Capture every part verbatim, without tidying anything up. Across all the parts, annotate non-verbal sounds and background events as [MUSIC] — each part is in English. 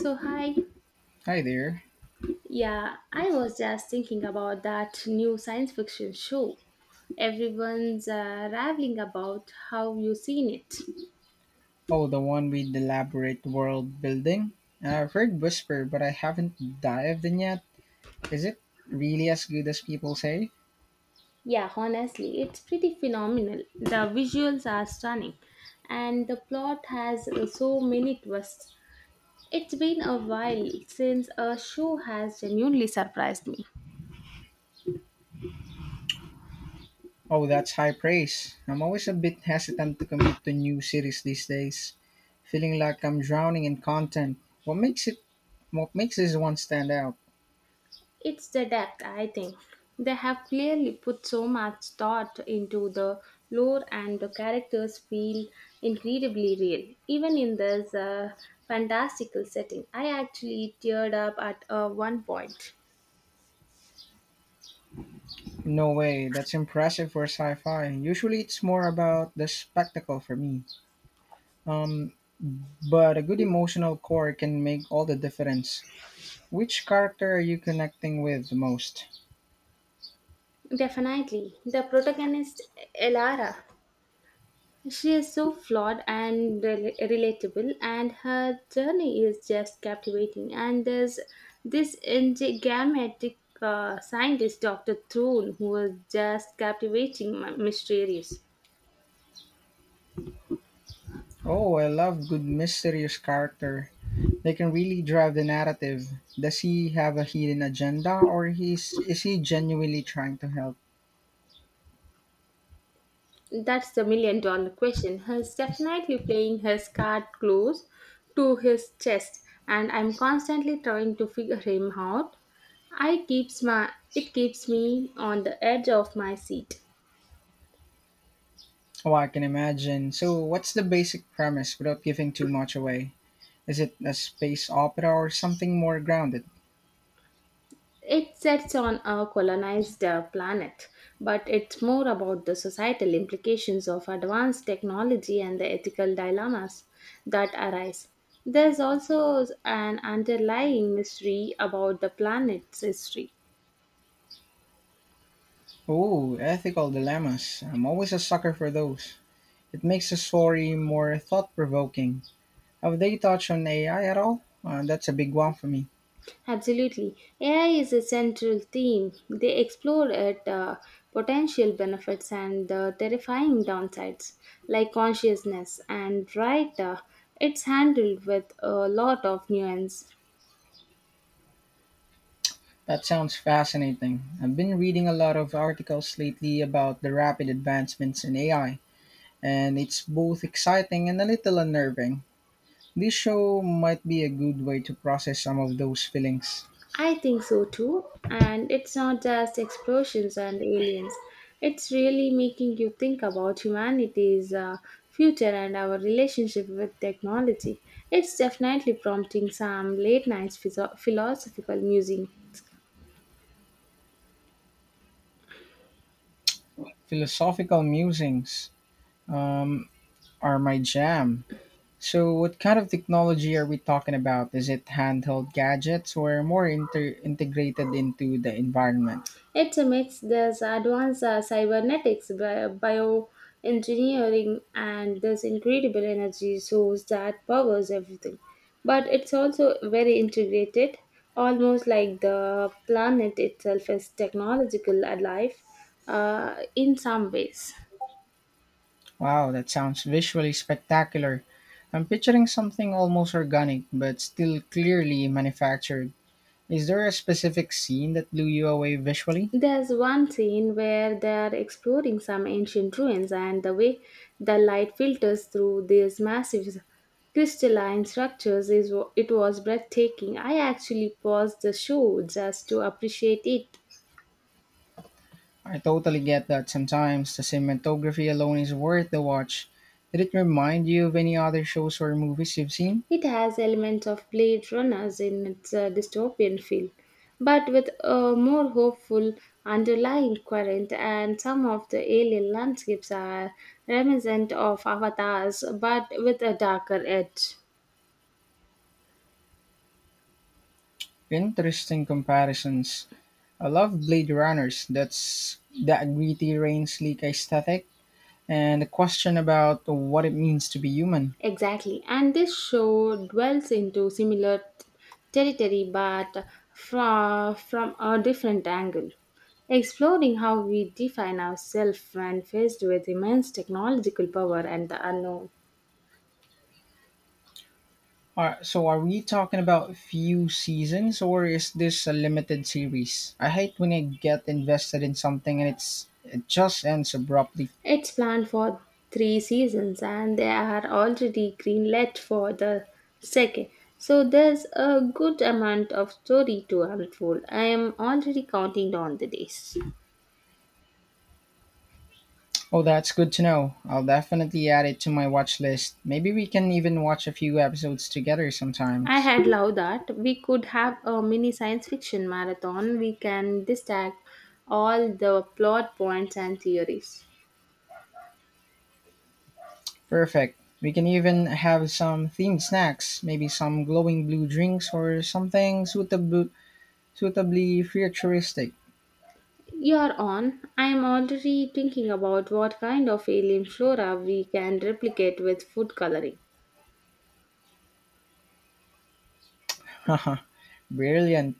So, hi. Hi there. Yeah, I was just thinking about that new science fiction show. Everyone's uh, raveling about how you've seen it. Oh, the one with the elaborate world building? Uh, I've heard whisper, but I haven't dived in yet. Is it really as good as people say? Yeah, honestly, it's pretty phenomenal. The visuals are stunning, and the plot has so many twists. It's been a while since a show has genuinely surprised me. Oh, that's high praise. I'm always a bit hesitant to commit to new series these days, feeling like I'm drowning in content. What makes it what makes this one stand out? It's the depth, I think. They have clearly put so much thought into the lore, and the characters feel incredibly real. Even in this uh, fantastical setting, I actually teared up at uh, one point. No way, that's impressive for sci-fi. Usually it's more about the spectacle for me. Um but a good emotional core can make all the difference. Which character are you connecting with the most? Definitely. The protagonist, Elara, She is so flawed and rel- relatable, and her journey is just captivating. And there's this enigmatic uh, scientist, doctor Throne, who is just captivating, m- mysterious. Oh, I love good mysterious character. They can really drive the narrative. Does he have a hidden agenda or he's is he genuinely trying to help? That's the million dollar question. He's definitely playing his card close to his chest, and I'm constantly trying to figure him out. I keeps my it keeps me on the edge of my seat. Oh, I can imagine. So, what's the basic premise without giving too much away? Is it a space opera or something more grounded? It sets on a colonized uh, planet, but it's more about the societal implications of advanced technology and the ethical dilemmas that arise. There's also an underlying mystery about the planet's history. Oh, ethical dilemmas. I'm always a sucker for those. It makes the story more thought provoking. Have they touched on A I at all? Uh, that's a big one for me. Absolutely. A I is a central theme. They explore it, uh, potential benefits and the terrifying downsides, like consciousness, and right, uh, it's handled with a lot of nuance. That sounds fascinating. I've been reading a lot of articles lately about the rapid advancements in A I, and it's both exciting and a little unnerving. This show might be a good way to process some of those feelings. I think so too. And it's not just explosions and aliens. It's really making you think about humanity's uh, future and our relationship with technology. It's definitely prompting some late night philosophical musing. Philosophical musings um, are my jam. So, what kind of technology are we talking about? Is it handheld gadgets or more inter- integrated into the environment? It's a mix. There's advanced uh, cybernetics, bi- bioengineering, and this incredible energy source that powers everything. But it's also very integrated, almost like the planet itself is technological alive uh, in some ways. Wow, that sounds visually spectacular. I'm picturing something almost organic but still clearly manufactured. Is there a specific scene that blew you away visually? There's one scene where they're exploring some ancient ruins, and the way the light filters through these massive crystalline structures is it was breathtaking. I actually paused the show just to appreciate it. I totally get that sometimes the cinematography alone is worth the watch. Did it remind you of any other shows or movies you've seen? It has elements of Blade Runners in its uh, dystopian feel, but with a more hopeful underlying current. And some of the alien landscapes are reminiscent of avatars, but with a darker edge. Interesting comparisons. I love Blade Runners. That's that gritty, rain slick aesthetic, and the question about what it means to be human. Exactly, and this show dwells into similar t- territory but fra- from a different angle, exploring how we define ourselves when faced with immense technological power and the unknown. Are, so are we talking about few seasons or is this a limited series? I hate when I get invested in something and it's it just ends abruptly. It's planned for three seasons, and they are already greenlit for the second. So there's a good amount of story to unfold. I am already counting down the days. Oh, that's good to know. I'll definitely add it to my watch list. Maybe we can even watch a few episodes together I sometimes. had loved that. We could have a mini science fiction marathon. We can dissect all the plot points and theories. Perfect. We can even have some themed snacks, maybe some glowing blue drinks or something suitably suitably futuristic. You're on. I'm already thinking about what kind of alien flora we can replicate with food coloring. [LAUGHS] Haha. Brilliant.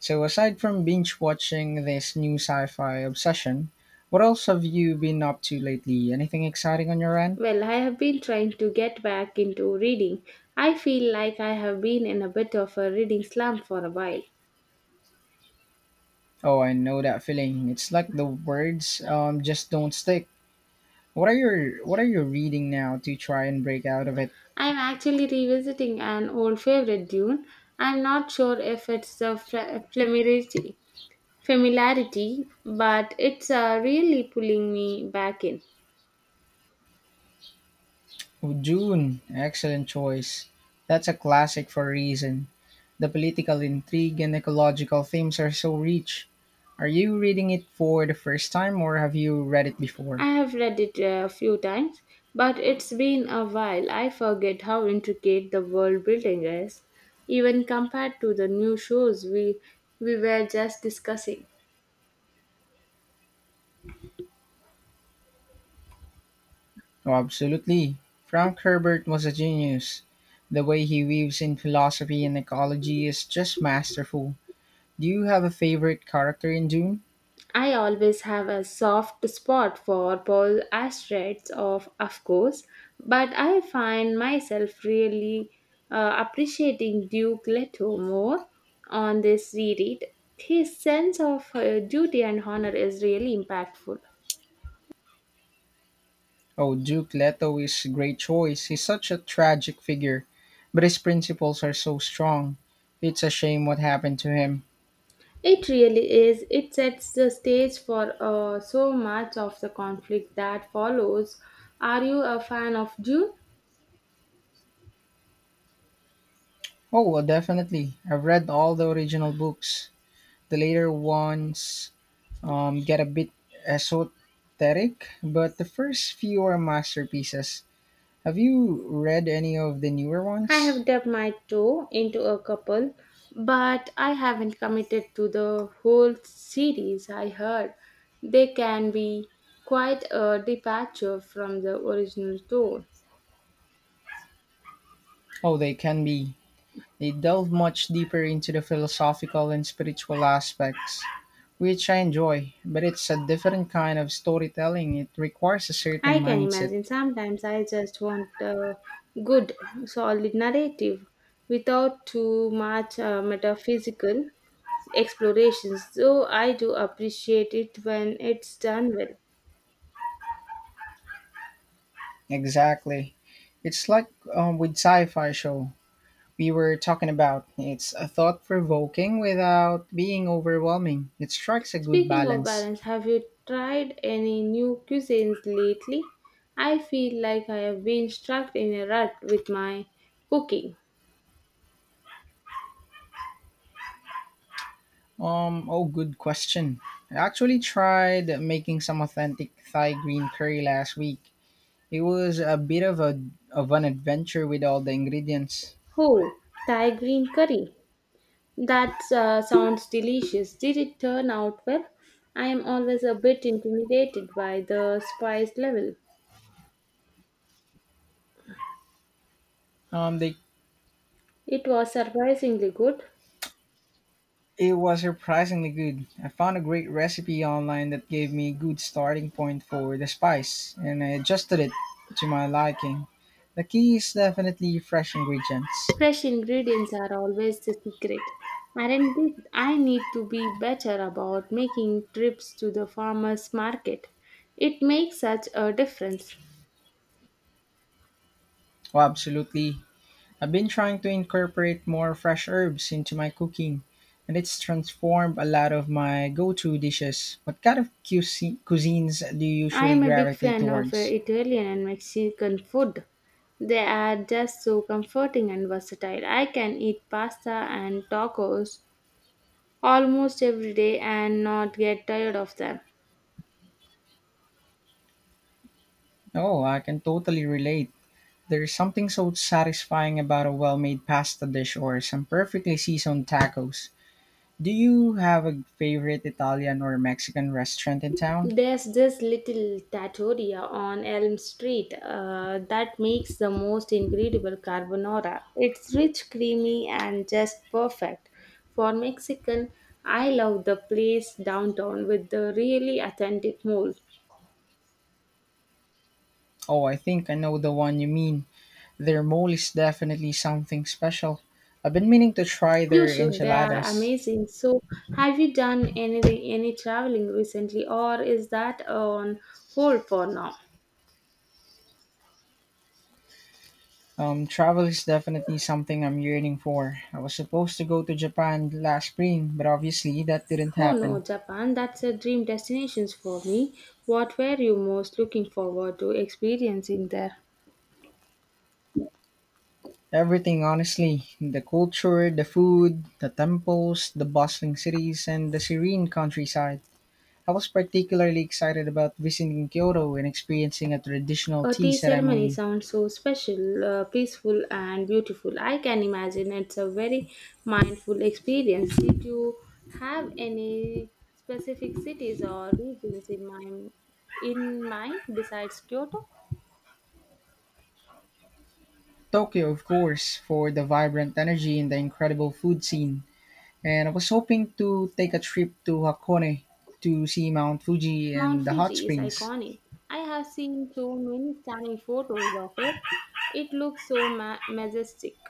So, aside from binge watching this new sci fi obsession, what else have you been up to lately? Anything exciting on your end? Well, I have been trying to get back into reading. I feel like I have been in a bit of a reading slump for a while. Oh, I know that feeling. It's like the words um, just don't stick. What are your What are you reading now to try and break out of it? I'm actually revisiting an old favorite, Dune. I'm not sure if it's the fl- familiarity familiarity, but it's uh, really pulling me back in. Oh, Dune, excellent choice. That's a classic for a reason. The political intrigue and ecological themes are so rich. Are you reading it for the first time, or have you read it before? I have read it a few times, but it's been a while. I forget how intricate the world building is, even compared to the new shows we, we were just discussing. Oh, absolutely. Frank Herbert was a genius. The way he weaves in philosophy and ecology is just masterful. Do you have a favorite character in Dune? I always have a soft spot for Paul Astrid's, of of course, but I find myself really uh, appreciating Duke Leto more on this reread. His sense of uh, duty and honor is really impactful. Oh, Duke Leto is a great choice. He's such a tragic figure, but his principles are so strong. It's a shame what happened to him. It really is. It sets the stage for uh, so much of the conflict that follows. Are you a fan of Dune? Oh, well, definitely. I've read all the original books. The later ones um, get a bit esoteric, but the first few are masterpieces. Have you read any of the newer I ones? have dipped my toe into a couple, but I haven't committed to the whole series. I heard they can be quite a departure from the original tone. Oh, they can be. They delve much deeper into the philosophical and spiritual aspects, which I enjoy, but it's a different kind of storytelling. It requires a I certain can mindset. imagine sometimes I just want a good, solid narrative without too much uh, metaphysical explorations, though I do appreciate it when it's done well. Exactly. It's like um, with sci fi show we were talking about. It's a thought provoking without being overwhelming. It strikes a good Speaking of balance. balance, have you tried any new cuisines lately? I feel like I have been stuck in a rut with my cooking. Um, oh, good question. I actually tried making some authentic Thai green curry last week. It was a bit of a of an adventure with all the ingredients. Oh, Thai green curry. That uh, sounds delicious. Did it turn out well? I am always a bit intimidated by the spice level. Um, they It was surprisingly good. It was surprisingly good. I found a great recipe online that gave me a good starting point for the spice, and I adjusted it to my liking. The key is definitely fresh ingredients. Fresh ingredients are always the secret. Aren't they- I need to be better about making trips to the farmers market. It makes such a difference. Oh, absolutely. I've been trying to incorporate more fresh herbs into my cooking, and it's transformed a lot of my go to dishes. What kind of cuisi- cuisines do you I usually am a big gravitate fan of uh, towards? Italian and Mexican food. They are just so comforting and versatile. I can eat pasta and tacos almost every day and not get tired of them. Oh, I can totally relate. There's something so satisfying about a well made pasta dish or some perfectly seasoned tacos. Do you have a favorite Italian or Mexican restaurant in town? There's this little tattoria on Elm Street uh, that makes the most incredible carbonara. It's rich, creamy, and just perfect. For Mexican, I love the place downtown with the really authentic mole. Oh, I think I know the one you mean. Their mole is definitely something special. I've been meaning to try You their should, they are enchiladas. amazing. So, have you done anything, any traveling recently, or is that on hold for now? Um, travel is definitely something I'm yearning for. I was supposed to go to Japan last spring, but obviously that didn't Oh no, happen. Japan, that's a dream destination for me. What were you most looking forward to experiencing there? Everything, honestly the culture, the food, the temples, the bustling cities, and the serene countryside. I was particularly excited about visiting Kyoto and experiencing a traditional A tea tea ceremony ceremony. sounds so special, uh, peaceful, and beautiful. I can imagine it's a very mindful experience. Did you have any specific cities or regions in mind, in mind besides Kyoto? Tokyo, of course, for the vibrant energy and the incredible food scene. And I was hoping to take a trip to Hakone to see Mount Fuji Mount and the hot Fuji is springs. iconic. I have seen so many stunning photos of it. It looks so ma- majestic.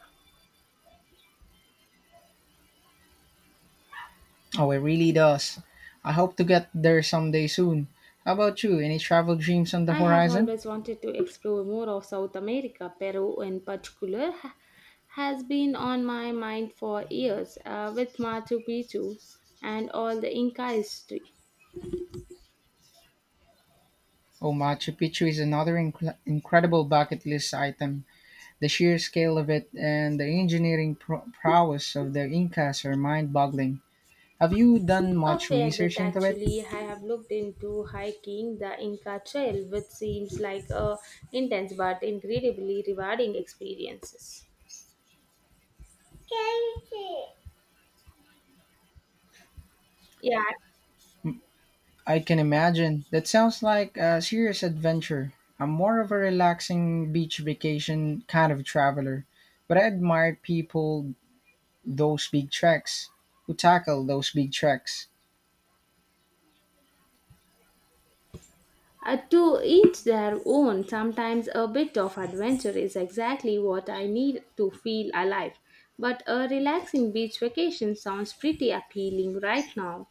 Oh, it really does. I hope to get there someday soon. How about you? Any travel dreams on the I have horizon? always wanted to explore more of South America. Peru, in particular, ha- has been on my mind for years, uh, with Machu Picchu and all the Inca history. Oh, Machu Picchu is another inc- incredible bucket list item. The sheer scale of it and the engineering pro- prowess of the Incas are mind boggling. Have you done A much fair bit, research into it? actually. I have looked into hiking the Inca Trail, which seems like a intense but incredibly rewarding experiences. Yeah. I can imagine. That sounds like a serious adventure. I'm more of a relaxing beach vacation kind of traveler, but I admire people those big treks who tackle those big treks. Uh, to each their own, sometimes a bit of adventure is exactly what I need to feel alive. But a relaxing beach vacation sounds pretty appealing right now,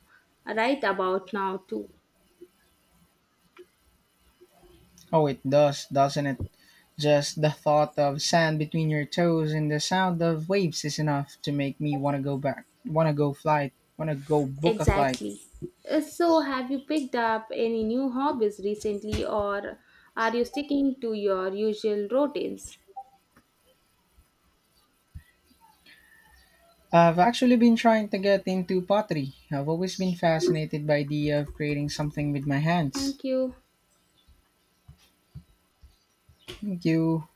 right about now, too. Oh, it does, doesn't it? Just the thought of sand between your toes and the sound of waves is enough to make me want to go back, want to go flight, want to go book a flight. Exactly. Uh, So, have you picked up any new hobbies recently, or are you sticking to your usual routines? I've actually been trying to get into pottery. I've always been fascinated by the idea of creating something with my hands. Thank you. Thank you.